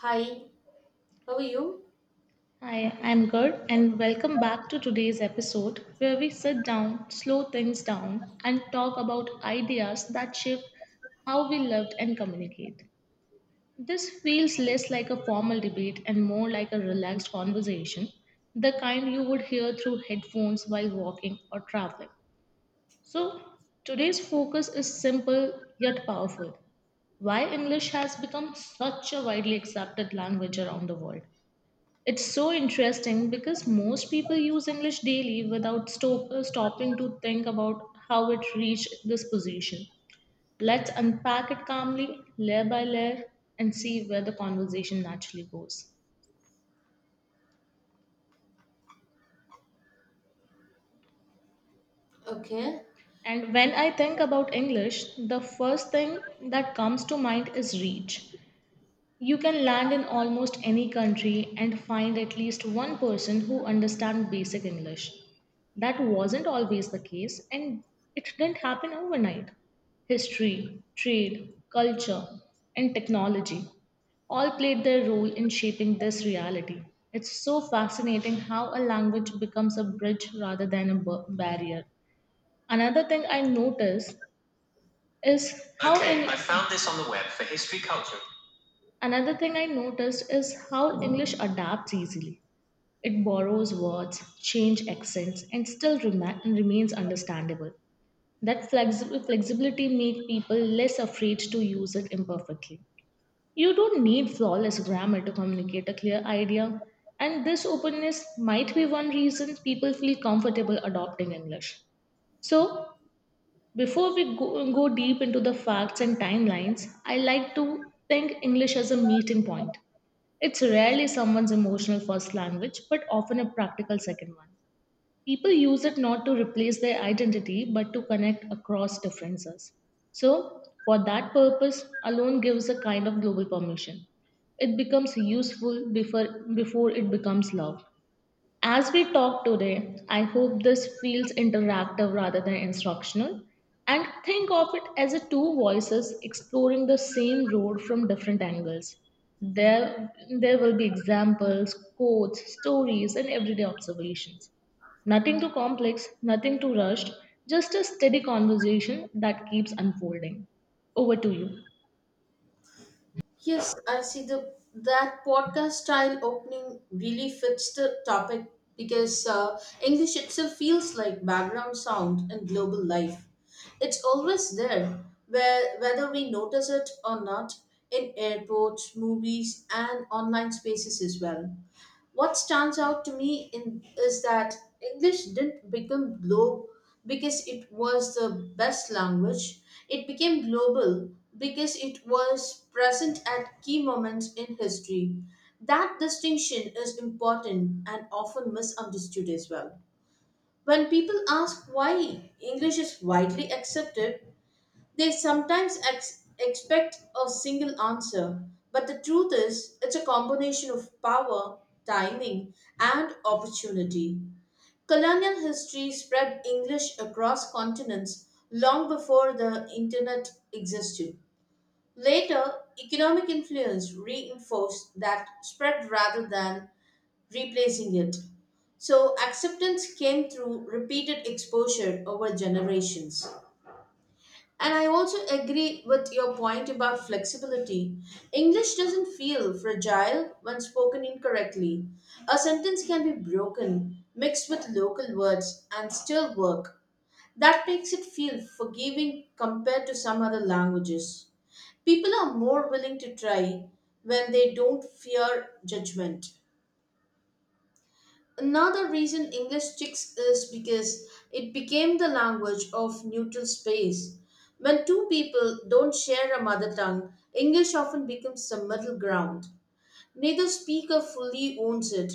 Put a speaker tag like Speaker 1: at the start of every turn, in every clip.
Speaker 1: Hi, how are you?
Speaker 2: Hi, I'm good, and welcome back to today's episode where we sit down, slow things down, and talk about ideas that shape how we live and communicate. This feels less like a formal debate and more like a relaxed conversation, the kind you would hear through headphones while walking or traveling. So, today's focus is simple yet powerful why English has become such a widely accepted language around the world it's so interesting because most people use English daily without stopping to think about how it reached this position. Let's unpack it calmly, layer by layer, and see where the conversation naturally goes.
Speaker 1: Okay.
Speaker 2: And when I think about English, the first thing that comes to mind is reach. You can land in almost any country and find at least one person who understands basic English. That wasn't always the case, and it didn't happen overnight. History, trade, culture, and technology all played their role in shaping this reality. It's so fascinating how a language becomes a bridge rather than a barrier. Another thing I noticed is how. Okay, I found this on the web for history culture. Another thing I noticed is how English adapts easily. It borrows words, change accents, and still remains understandable. That flexibility makes people less afraid to use it imperfectly. You don't need flawless grammar to communicate a clear idea, and this openness might be one reason people feel comfortable adopting English. So, before we go deep into the facts and timelines, I like to think English as a meeting point. It's rarely someone's emotional first language, but often a practical second one. People use it not to replace their identity, but to connect across differences. So, for that purpose, alone gives a kind of global permission. It becomes useful before it becomes love. As we talk today, I hope this feels interactive rather than instructional. And think of it as a two voices exploring the same road from different angles. There, there will be examples, quotes, stories, and everyday observations. Nothing too complex, nothing too rushed, just a steady conversation that keeps unfolding. Over to you.
Speaker 1: Yes, I see the that podcast style opening really fits the topic because English itself feels like background sound in global life. It's always there, where whether we notice it or not, in airports, movies, and online spaces as well. What stands out to me in is that English didn't become global because it was the best language. It became global because it was present at key moments in history. That distinction is important and often misunderstood as well. When people ask why English is widely accepted, they sometimes expect a single answer, but the truth is, it's a combination of power, timing, and opportunity. Colonial history spread English across continents long before the internet existed. Later, economic influence reinforced that spread rather than replacing it. So, acceptance came through repeated exposure over generations. And I also agree with your point about flexibility. English doesn't feel fragile when spoken incorrectly. A sentence can be broken, mixed with local words, and still work. That makes it feel forgiving compared to some other languages. People are more willing to try when they don't fear judgment. Another reason English sticks is because it became the language of neutral space. When two people don't share a mother tongue, English often becomes the middle ground. Neither speaker fully owns it,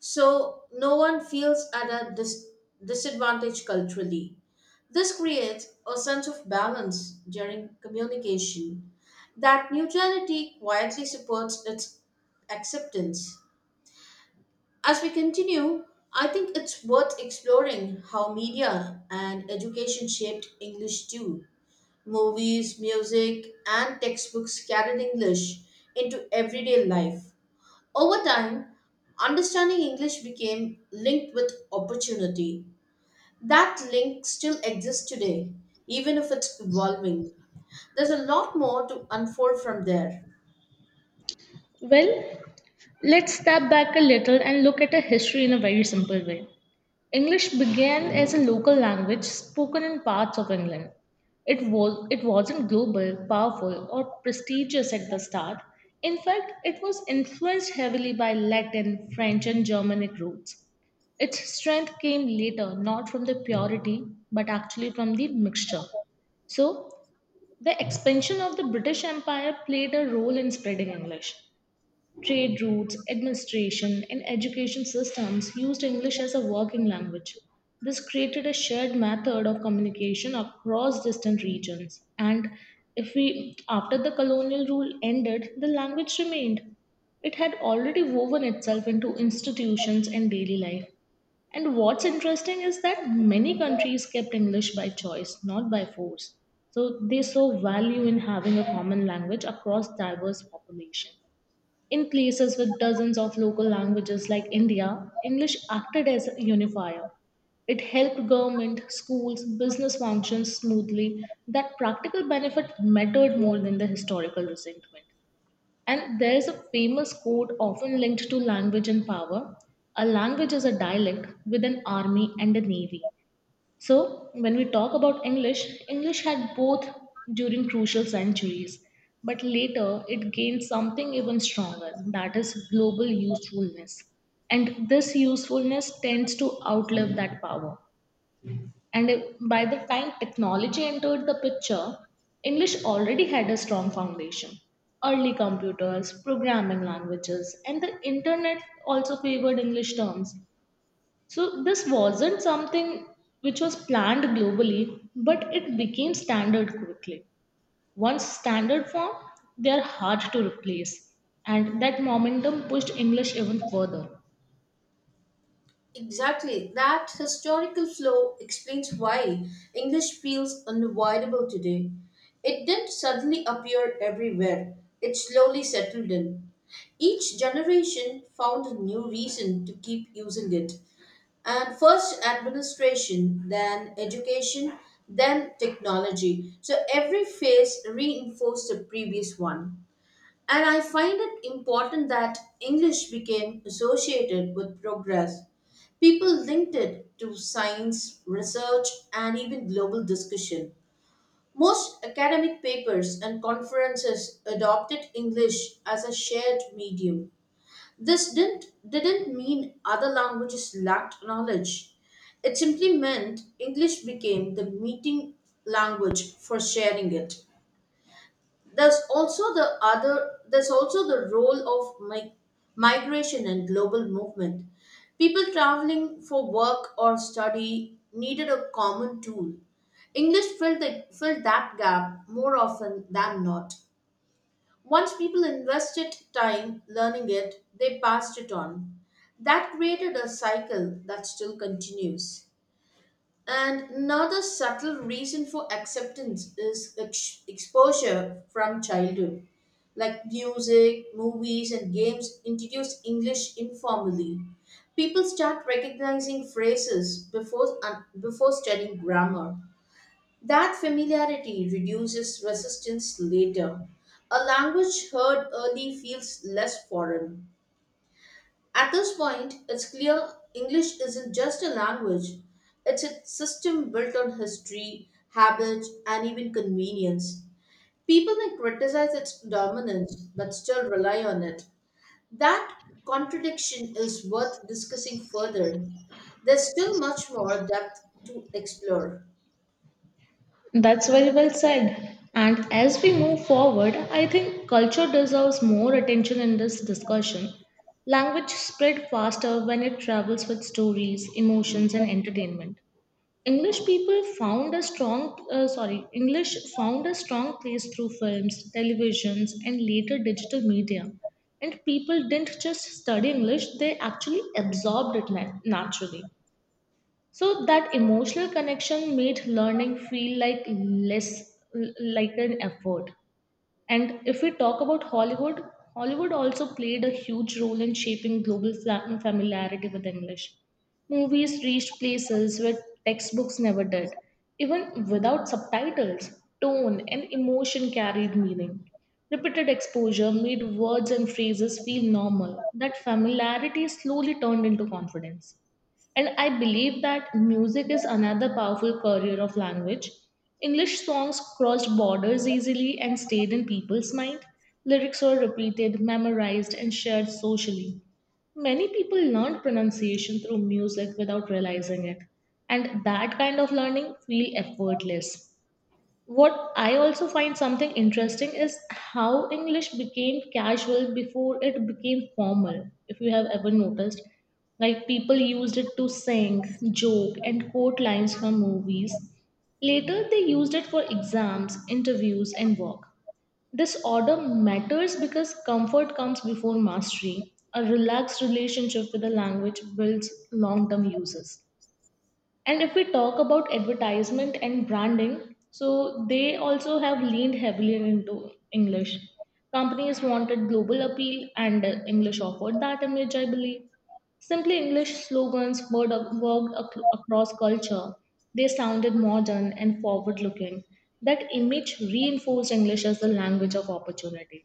Speaker 1: so no one feels at a disadvantage culturally. This creates a sense of balance during communication. That neutrality quietly supports its acceptance. As we continue, I think it's worth exploring how media and education shaped English too. Movies, music, and textbooks carried English into everyday life. Over time, understanding English became linked with opportunity. That link still exists today, even if it's evolving. There's a lot more to unfold from there.
Speaker 2: Well, let's step back a little and look at a history in a very simple way. English began as a local language spoken in parts of England. It wasn't global, powerful, or prestigious at the start. In fact, it was influenced heavily by Latin, French, and Germanic roots. Its strength came later, not from the purity, but actually from the mixture. So, the expansion of the British Empire played a role in spreading English. Trade routes, administration, and education systems used English as a working language. This created a shared method of communication across distant regions. And if we, after the colonial rule ended, the language remained. It had already woven itself into institutions and daily life. And what's interesting is that many countries kept English by choice, not by force. So they saw value in having a common language across diverse population. In places with dozens of local languages like India, English acted as a unifier. It helped government, schools, business functions smoothly. That practical benefit mattered more than the historical resentment. And there is a famous quote often linked to language and power. A language is a dialect with an army and a navy. So, when we talk about English, English had both during crucial centuries, but later it gained something even stronger that is, global usefulness. And this usefulness tends to outlive that power. And by the time technology entered the picture, English already had a strong foundation. Early computers, programming languages, and the internet also favored English terms so this wasn't something which was planned globally, but it became standard quickly. Once standard formed, they are hard to replace. And that momentum pushed English even further.
Speaker 1: Exactly. That historical flow explains why English feels unavoidable today. It didn't suddenly appear everywhere, it slowly settled in. Each generation found a new reason to keep using it. And first administration, then education, then technology. So every phase reinforced the previous one. And I find it important that English became associated with progress. People linked it to science, research, and even global discussion. Most academic papers and conferences adopted English as a shared medium. This didn't mean other languages lacked knowledge. It simply meant English became the meeting language for sharing it. There's also the role of migration and global movement. People traveling for work or study needed a common tool. English filled that gap more often than not. Once people invested time learning it, they passed it on. That created a cycle that still continues. And another subtle reason for acceptance is exposure from childhood. Like music, movies, and games introduce English informally. People start recognizing phrases before studying grammar. That familiarity reduces resistance later. A language heard early feels less foreign. At this point, it's clear English isn't just a language, it's a system built on history, habits, and even convenience. People may criticize its dominance but still rely on it. That contradiction is worth discussing further. There's still much more depth to explore.
Speaker 2: That's very well said. And as we move forward, I think culture deserves more attention in this discussion. Language spread faster when it travels with stories, emotions, and entertainment. English found a strong place through films, televisions, and later digital media. And people didn't just study English, they actually absorbed it naturally. So that emotional connection made learning feel like less, like an effort. And if we talk about Hollywood, Hollywood also played a huge role in shaping global familiarity with English. Movies reached places where textbooks never did. Even without subtitles, tone and emotion carried meaning. Repeated exposure made words and phrases feel normal. That familiarity slowly turned into confidence. And I believe that music is another powerful career of language. English songs crossed borders easily and stayed in people's mind. Lyrics were repeated, memorized, and shared socially. Many people learned pronunciation through music without realizing it, and that kind of learning feel effortless. What I also find something interesting is how English became casual before it became formal, if you have ever noticed. Like people used it to sing, joke, and quote lines from movies. Later, they used it for exams, interviews, and work. This order matters because comfort comes before mastery. A relaxed relationship with the language builds long term uses. And if we talk about advertisement and branding, so they also have leaned heavily into English. Companies wanted global appeal, and English offered that image, I believe. Simply English slogans worked across culture. They sounded modern and forward looking. That image reinforced English as the language of opportunity.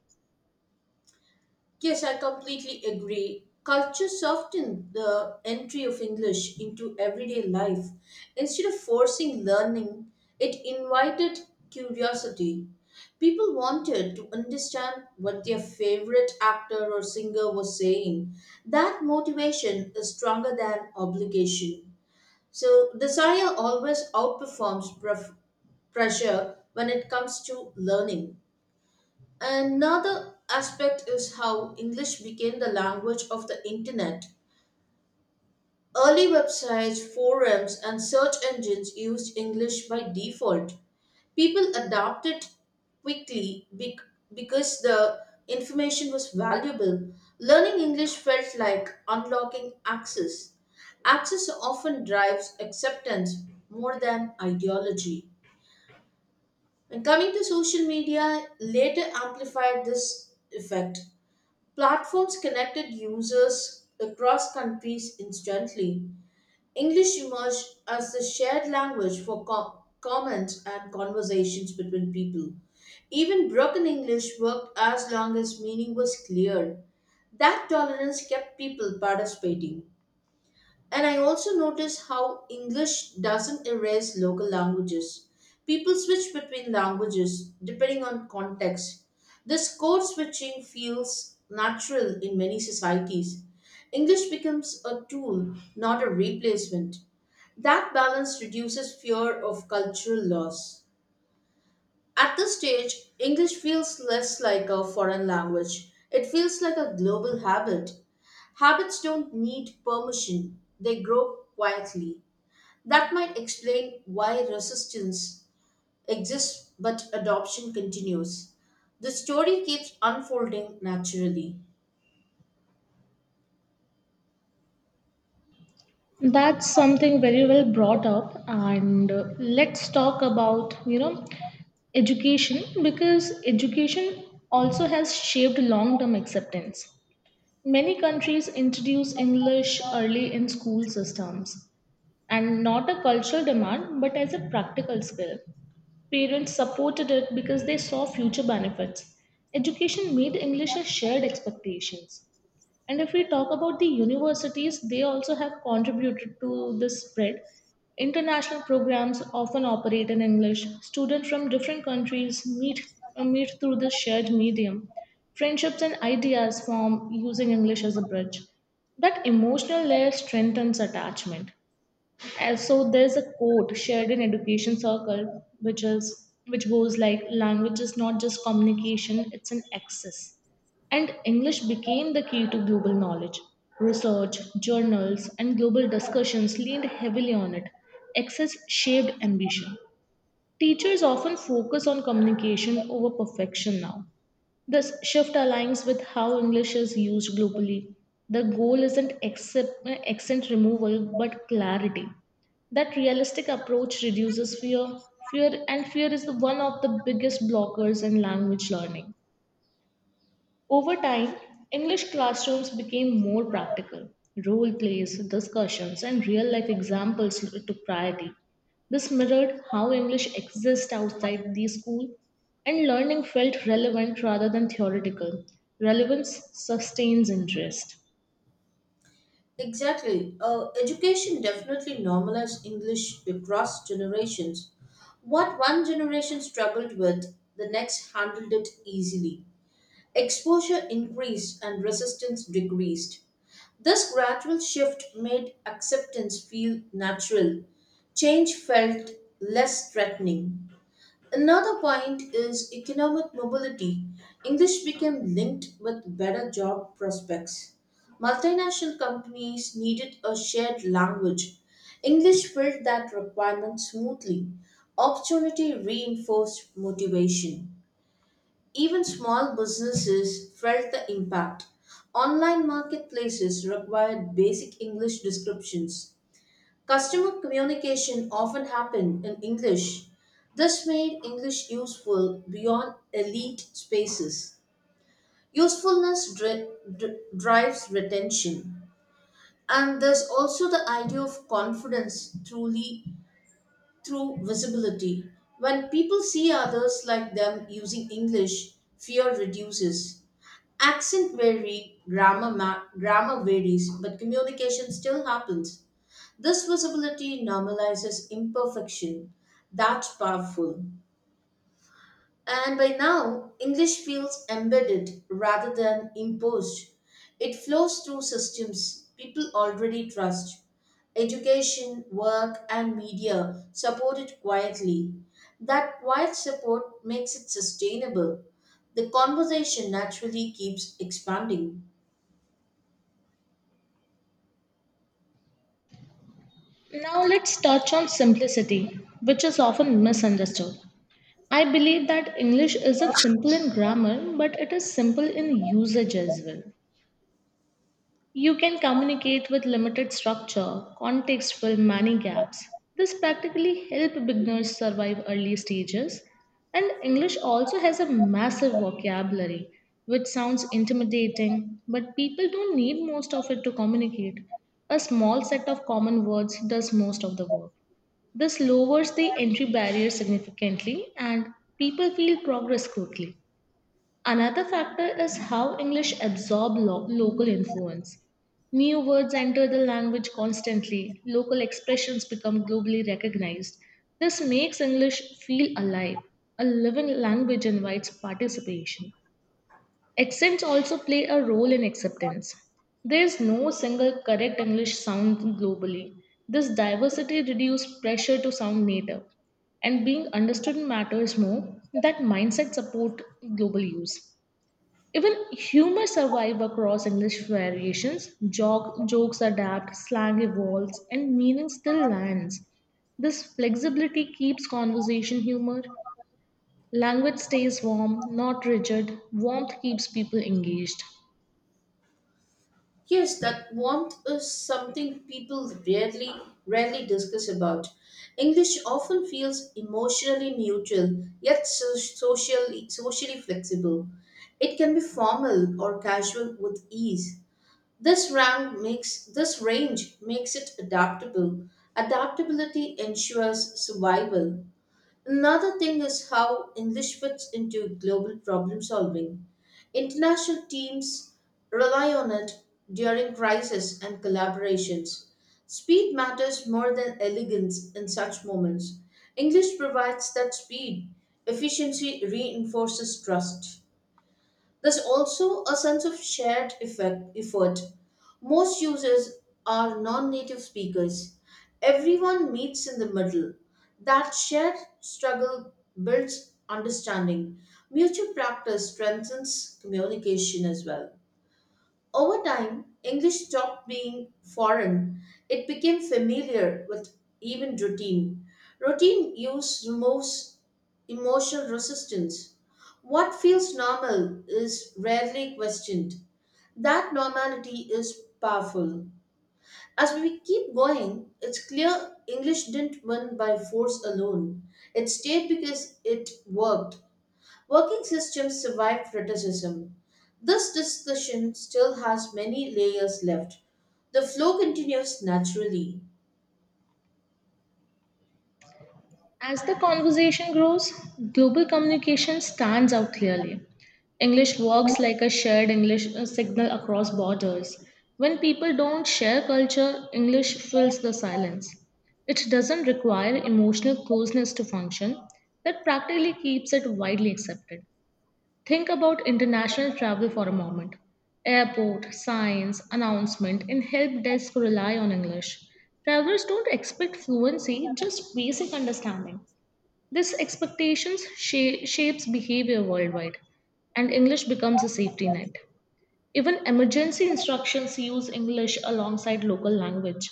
Speaker 1: Yes, I completely agree. Culture softened the entry of English into everyday life. Instead of forcing learning, it invited curiosity. People wanted to understand what their favorite actor or singer was saying. That motivation is stronger than obligation. So, desire always outperforms pressure when it comes to learning. Another aspect is how English became the language of the internet. Early websites, forums, and search engines used English by default. People adapted quickly because the information was valuable. Learning English felt like unlocking access. Access often drives acceptance more than ideology. And coming to social media, later amplified this effect. Platforms connected users across countries instantly. English emerged as the shared language for comments and conversations between people. Even broken English worked as long as meaning was clear. That tolerance kept people participating. And I also notice how English doesn't erase local languages. People switch between languages depending on context. This code switching feels natural in many societies. English becomes a tool, not a replacement. That balance reduces fear of cultural loss. At this stage, English feels less like a foreign language. It feels like a global habit. Habits don't need permission, they grow quietly. That might explain why resistance exists but adoption continues. The story keeps unfolding naturally.
Speaker 2: That's something very well brought up, and let's talk about you know Education, because education also has shaped long term acceptance. Many countries introduce English early in school systems and not a cultural demand but as a practical skill. Parents supported it because they saw future benefits. Education made English a shared expectations. And if we talk about the universities, they also have contributed to this spread. International programs often operate in English. Students from different countries meet through this shared medium. Friendships and ideas form using English as a bridge. That emotional layer strengthens attachment. And so there's a quote shared in education circle which is which goes like language is not just communication, it's an access. And English became the key to global knowledge. Research, journals, and global discussions leaned heavily on it. Access shaped ambition. Teachers often focus on communication over perfection now. This shift aligns with how English is used globally. The goal isn't accent removal but clarity. That realistic approach reduces fear. Fear and fear is the one of the biggest blockers in language learning. Over time, English classrooms became more practical. Role plays, discussions, and real life examples took priority. This mirrored how English exists outside the school, and learning felt relevant rather than theoretical. Relevance sustains interest.
Speaker 1: Exactly. Education definitely normalized English across generations. What one generation struggled with, the next handled it easily. Exposure increased and resistance decreased. This gradual shift made acceptance feel natural. Change felt less threatening. Another point is economic mobility. English became linked with better job prospects. Multinational companies needed a shared language. English filled that requirement smoothly. Opportunity reinforced motivation. Even small businesses felt the impact. Online marketplaces required basic English descriptions. Customer communication often happened in English. This made English useful beyond elite spaces. Usefulness drives retention. And there's also the idea of confidence truly through visibility. When people see others like them using English, fear reduces. Accent vary, grammar varies, but communication still happens. This visibility normalizes imperfection. That's powerful. And by now, English feels embedded rather than imposed. It flows through systems people already trust. Education, work, and media support it quietly. That quiet support makes it sustainable. The conversation naturally keeps expanding.
Speaker 2: Now let's touch on simplicity, which is often misunderstood. I believe that English isn't simple in grammar, but it is simple in usage as well. You can communicate with limited structure. Context will many gaps. This practically helps beginners survive early stages. And English also has a massive vocabulary, which sounds intimidating, but people don't need most of it to communicate. A small set of common words does most of the work. This lowers the entry barrier significantly, and people feel progress quickly. Another factor is how English absorb local influence. New words enter the language constantly, local expressions become globally recognized. This makes English feel alive. A living language invites participation. Accents also play a role in acceptance. There is no single correct English sound globally. This diversity reduces pressure to sound native, and being understood matters more. That mindset support global use. Even humor survives across English variations. Jokes adapt, slang evolves, and meaning still lands. This flexibility keeps conversation humor. Language stays warm, not rigid. Warmth keeps people engaged.
Speaker 1: Yes, that warmth is something people rarely discuss about. English often feels emotionally neutral yet socially flexible. It can be formal or casual with ease. This range makes it adaptable. Adaptability ensures survival. Another thing is how English fits into global problem solving. International teams rely on it during crisis and collaborations. Speed matters more than elegance in such moments. English provides that speed, efficiency reinforces trust. There's also a sense of shared effort. Most users are non native speakers. Everyone meets in the middle. That shared struggle builds understanding. Mutual practice strengthens communication as well. Over time, English stopped being foreign. It became familiar with even routine. Routine use removes emotional resistance. What feels normal is rarely questioned. That normality is powerful. As we keep going, it's clear English didn't win by force alone. It stayed because it worked. Working systems survive criticism. This discussion still has many layers left. The flow continues naturally.
Speaker 2: As the conversation grows, global communication stands out clearly. English works like a shared English signal across borders. When people don't share culture, English fills the silence. It doesn't require emotional closeness to function, that practically keeps it widely accepted. Think about international travel for a moment. Airport, signs, announcement, and help desk rely on English. Travelers don't expect fluency, just basic understanding. This expectations shapes behavior worldwide, and English becomes a safety net. Even emergency instructions use English alongside local language.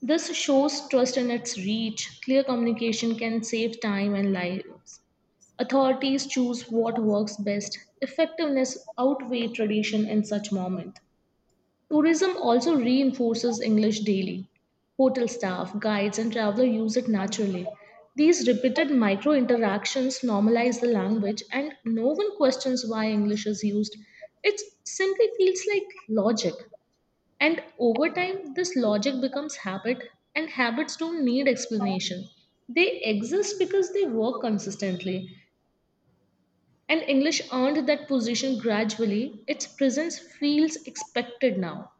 Speaker 2: This shows trust in its reach. Clear communication can save time and lives. Authorities choose what works best. Effectiveness outweighs tradition in such moment. Tourism also reinforces English daily. Hotel staff, guides, and travelers use it naturally. These repeated micro interactions normalize the language, and no one questions why English is used. It simply feels like logic. And over time, this logic becomes habit, and habits don't need explanation. They exist because they work consistently. And English earned that position gradually. Its presence feels expected now.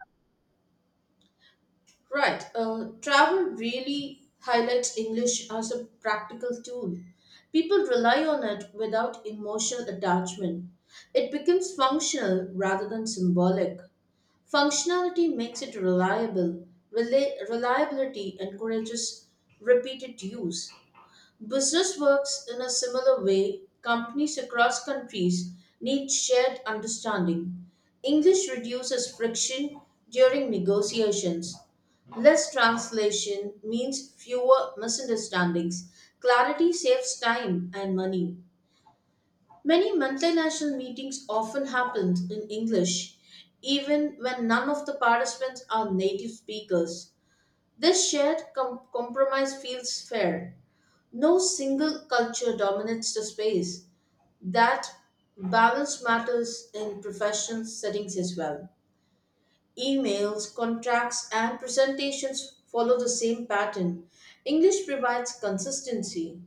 Speaker 1: Right, travel really highlights English as a practical tool. People rely on it without emotional attachment. It becomes functional rather than symbolic. Functionality makes it reliable. Reliability encourages repeated use. Business works in a similar way. Companies across countries need shared understanding. English reduces friction during negotiations. Less translation means fewer misunderstandings. Clarity saves time and money. Many multinational meetings often happen in English, even when none of the participants are native speakers. This shared compromise feels fair. No single culture dominates the space. That balance matters in professional settings as well. Emails, contracts, and presentations follow the same pattern. English provides consistency.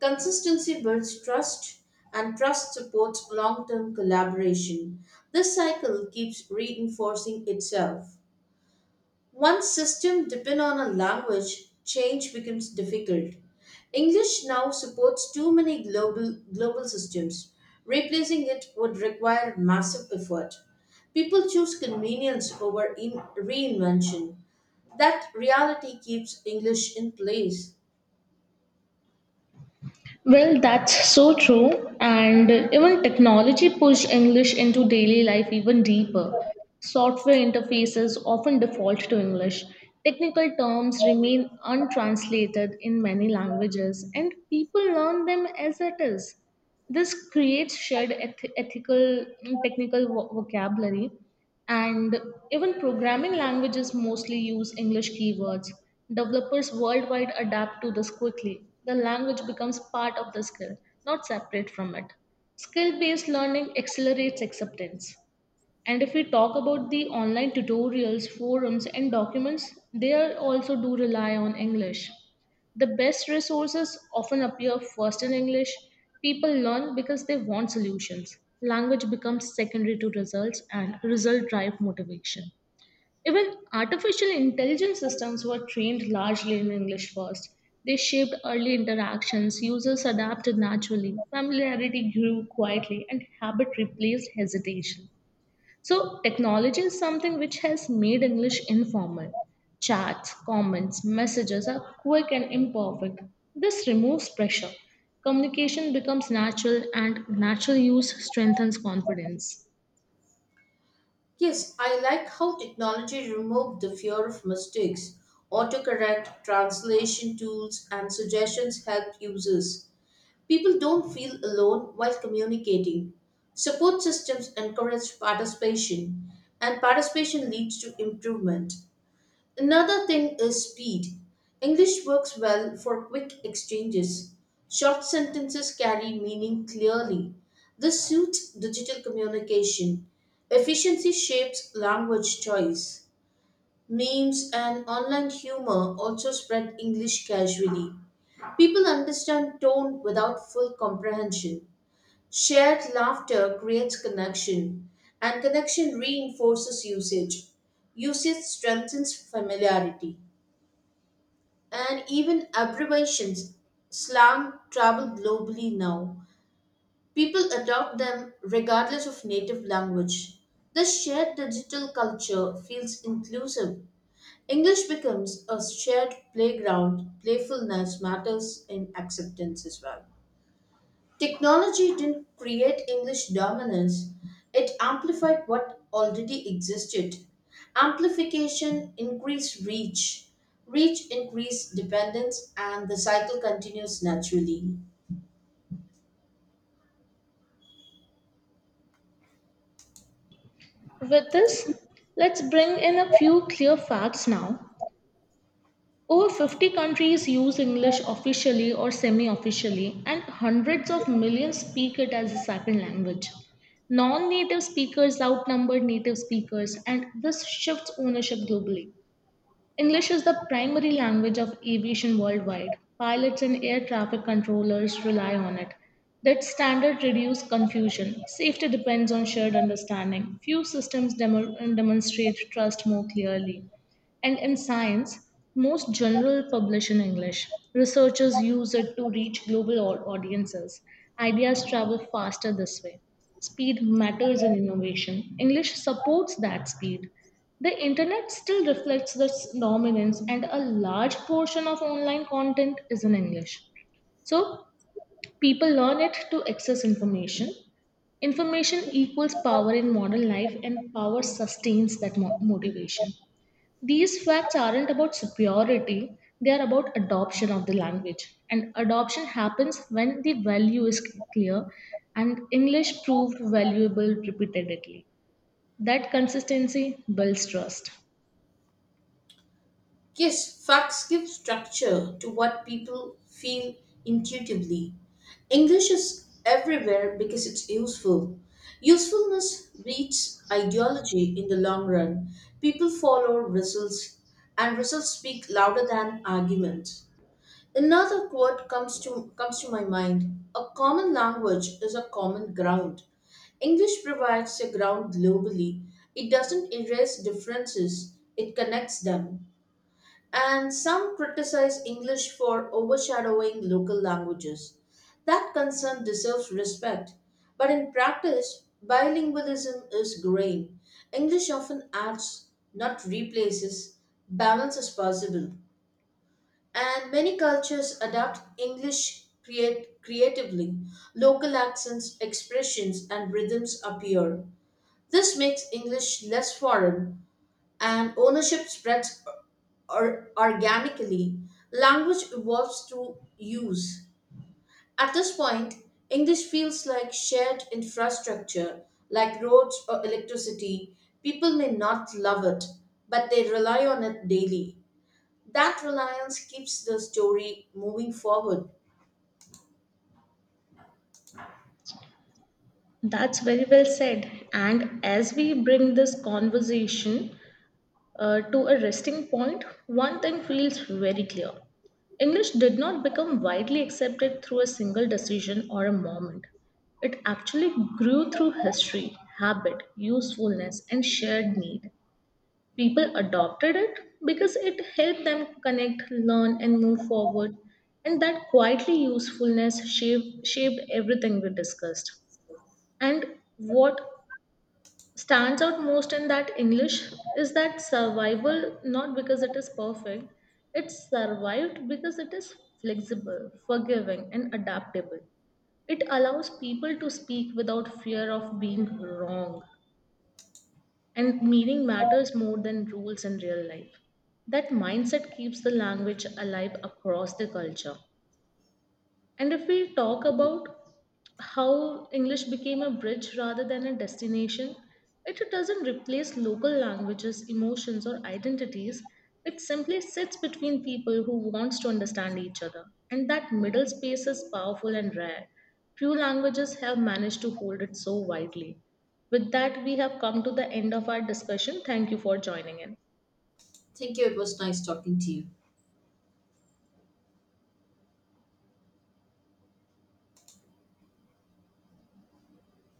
Speaker 1: Consistency builds trust, and trust supports long term collaboration. This cycle keeps reinforcing itself. Once system depend on a language, change becomes difficult. English now supports too many global systems. Replacing it would require massive effort. People choose convenience over in reinvention. That reality keeps English in place.
Speaker 2: Well, that's so true. And even technology pushed English into daily life even deeper. Software interfaces often default to English. Technical terms remain untranslated in many languages, and people learn them as it is. This creates shared ethical, technical vocabulary and even programming languages mostly use English keywords. Developers worldwide adapt to this quickly. The language becomes part of the skill, not separate from it. Skill based learning accelerates acceptance. And if we talk about the online tutorials, forums, and documents, they are also do rely on English. The best resources often appear first in English. People learn because they want solutions. Language becomes secondary to results, and result drive motivation. Even artificial intelligence systems were trained largely in English first. They shaped early interactions, users adapted naturally, familiarity grew quietly, and habit replaced hesitation. So, technology is something which has made English informal. Chats, comments, messages are quick and imperfect. This removes pressure. Communication becomes natural, and natural use strengthens confidence.
Speaker 1: Yes, I like how technology removed the fear of mistakes. Autocorrect, translation tools, and suggestions help users. People don't feel alone while communicating. Support systems encourage participation, and participation leads to improvement. Another thing is speed. English works well for quick exchanges. Short sentences carry meaning clearly. This suits digital communication. Efficiency shapes language choice. Memes and online humor also spread English casually. People understand tone without full comprehension. Shared laughter creates connection, and connection reinforces usage. Usage strengthens familiarity, and even abbreviations, slang travel globally now. People adopt them regardless of native language. The shared digital culture feels inclusive. English becomes a shared playground. Playfulness matters in acceptance as well. Technology didn't create English dominance, it amplified what already existed. Amplification increased reach, reach increased dependence, and the cycle continues naturally.
Speaker 2: With this, let's bring in a few clear facts now. Over 50 countries use English officially or semi officially, and hundreds of millions speak it as a second language. Non native speakers outnumber native speakers, and this shifts ownership globally. English is the primary language of aviation worldwide. Pilots and air traffic controllers rely on it. That standard reduces confusion. Safety depends on shared understanding. Few systems demonstrate trust more clearly. And in science, most journals publish in English. Researchers use it to reach global audiences. Ideas travel faster this way. Speed matters in innovation. English supports that speed. The internet still reflects this dominance, and a large portion of online content is in English. So, people learn it to access information. Information equals power in modern life, and power sustains that motivation. These facts aren't about superiority, they are about adoption of the language. And adoption happens when the value is clear, and English proved valuable repeatedly. That consistency builds trust.
Speaker 1: Yes, facts give structure to what people feel intuitively. English is everywhere because it's useful. Usefulness beats ideology in the long run. People follow results, and results speak louder than arguments. Another quote comes to my mind. A common language is a common ground. English provides a ground globally. It doesn't erase differences, it connects them. And some criticize English for overshadowing local languages. That concern deserves respect. But in practice, bilingualism is growing. English often adds, not replaces, balance is possible. And many cultures adapt English create creatively. Local accents, expressions, and rhythms appear. This makes English less foreign and ownership spreads or organically. Language evolves through use. At this point, English feels like shared infrastructure, like roads or electricity. People may not love it, but they rely on it daily. That reliance keeps the story moving forward.
Speaker 2: That's very well said. And as we bring this conversation to a resting point, one thing feels very clear. English did not become widely accepted through a single decision or a moment. It actually grew through history, habit, usefulness, and shared need. People adopted it because it helped them connect, learn, and move forward. And that quietly usefulness shaped everything we discussed. And what stands out most in that English is that survival, not because it is perfect, it survived because it is flexible, forgiving, and adaptable. It allows people to speak without fear of being wrong, and meaning matters more than rules in real life. That mindset keeps the language alive across the culture. And if we talk about how English became a bridge rather than a destination, it doesn't replace local languages, emotions, or identities. It simply sits between people who wants to understand each other. And that middle space is powerful and rare. Few languages have managed to hold it so widely. With that, we have come to the end of our discussion. Thank you for joining in.
Speaker 1: Thank you. It was nice talking to you.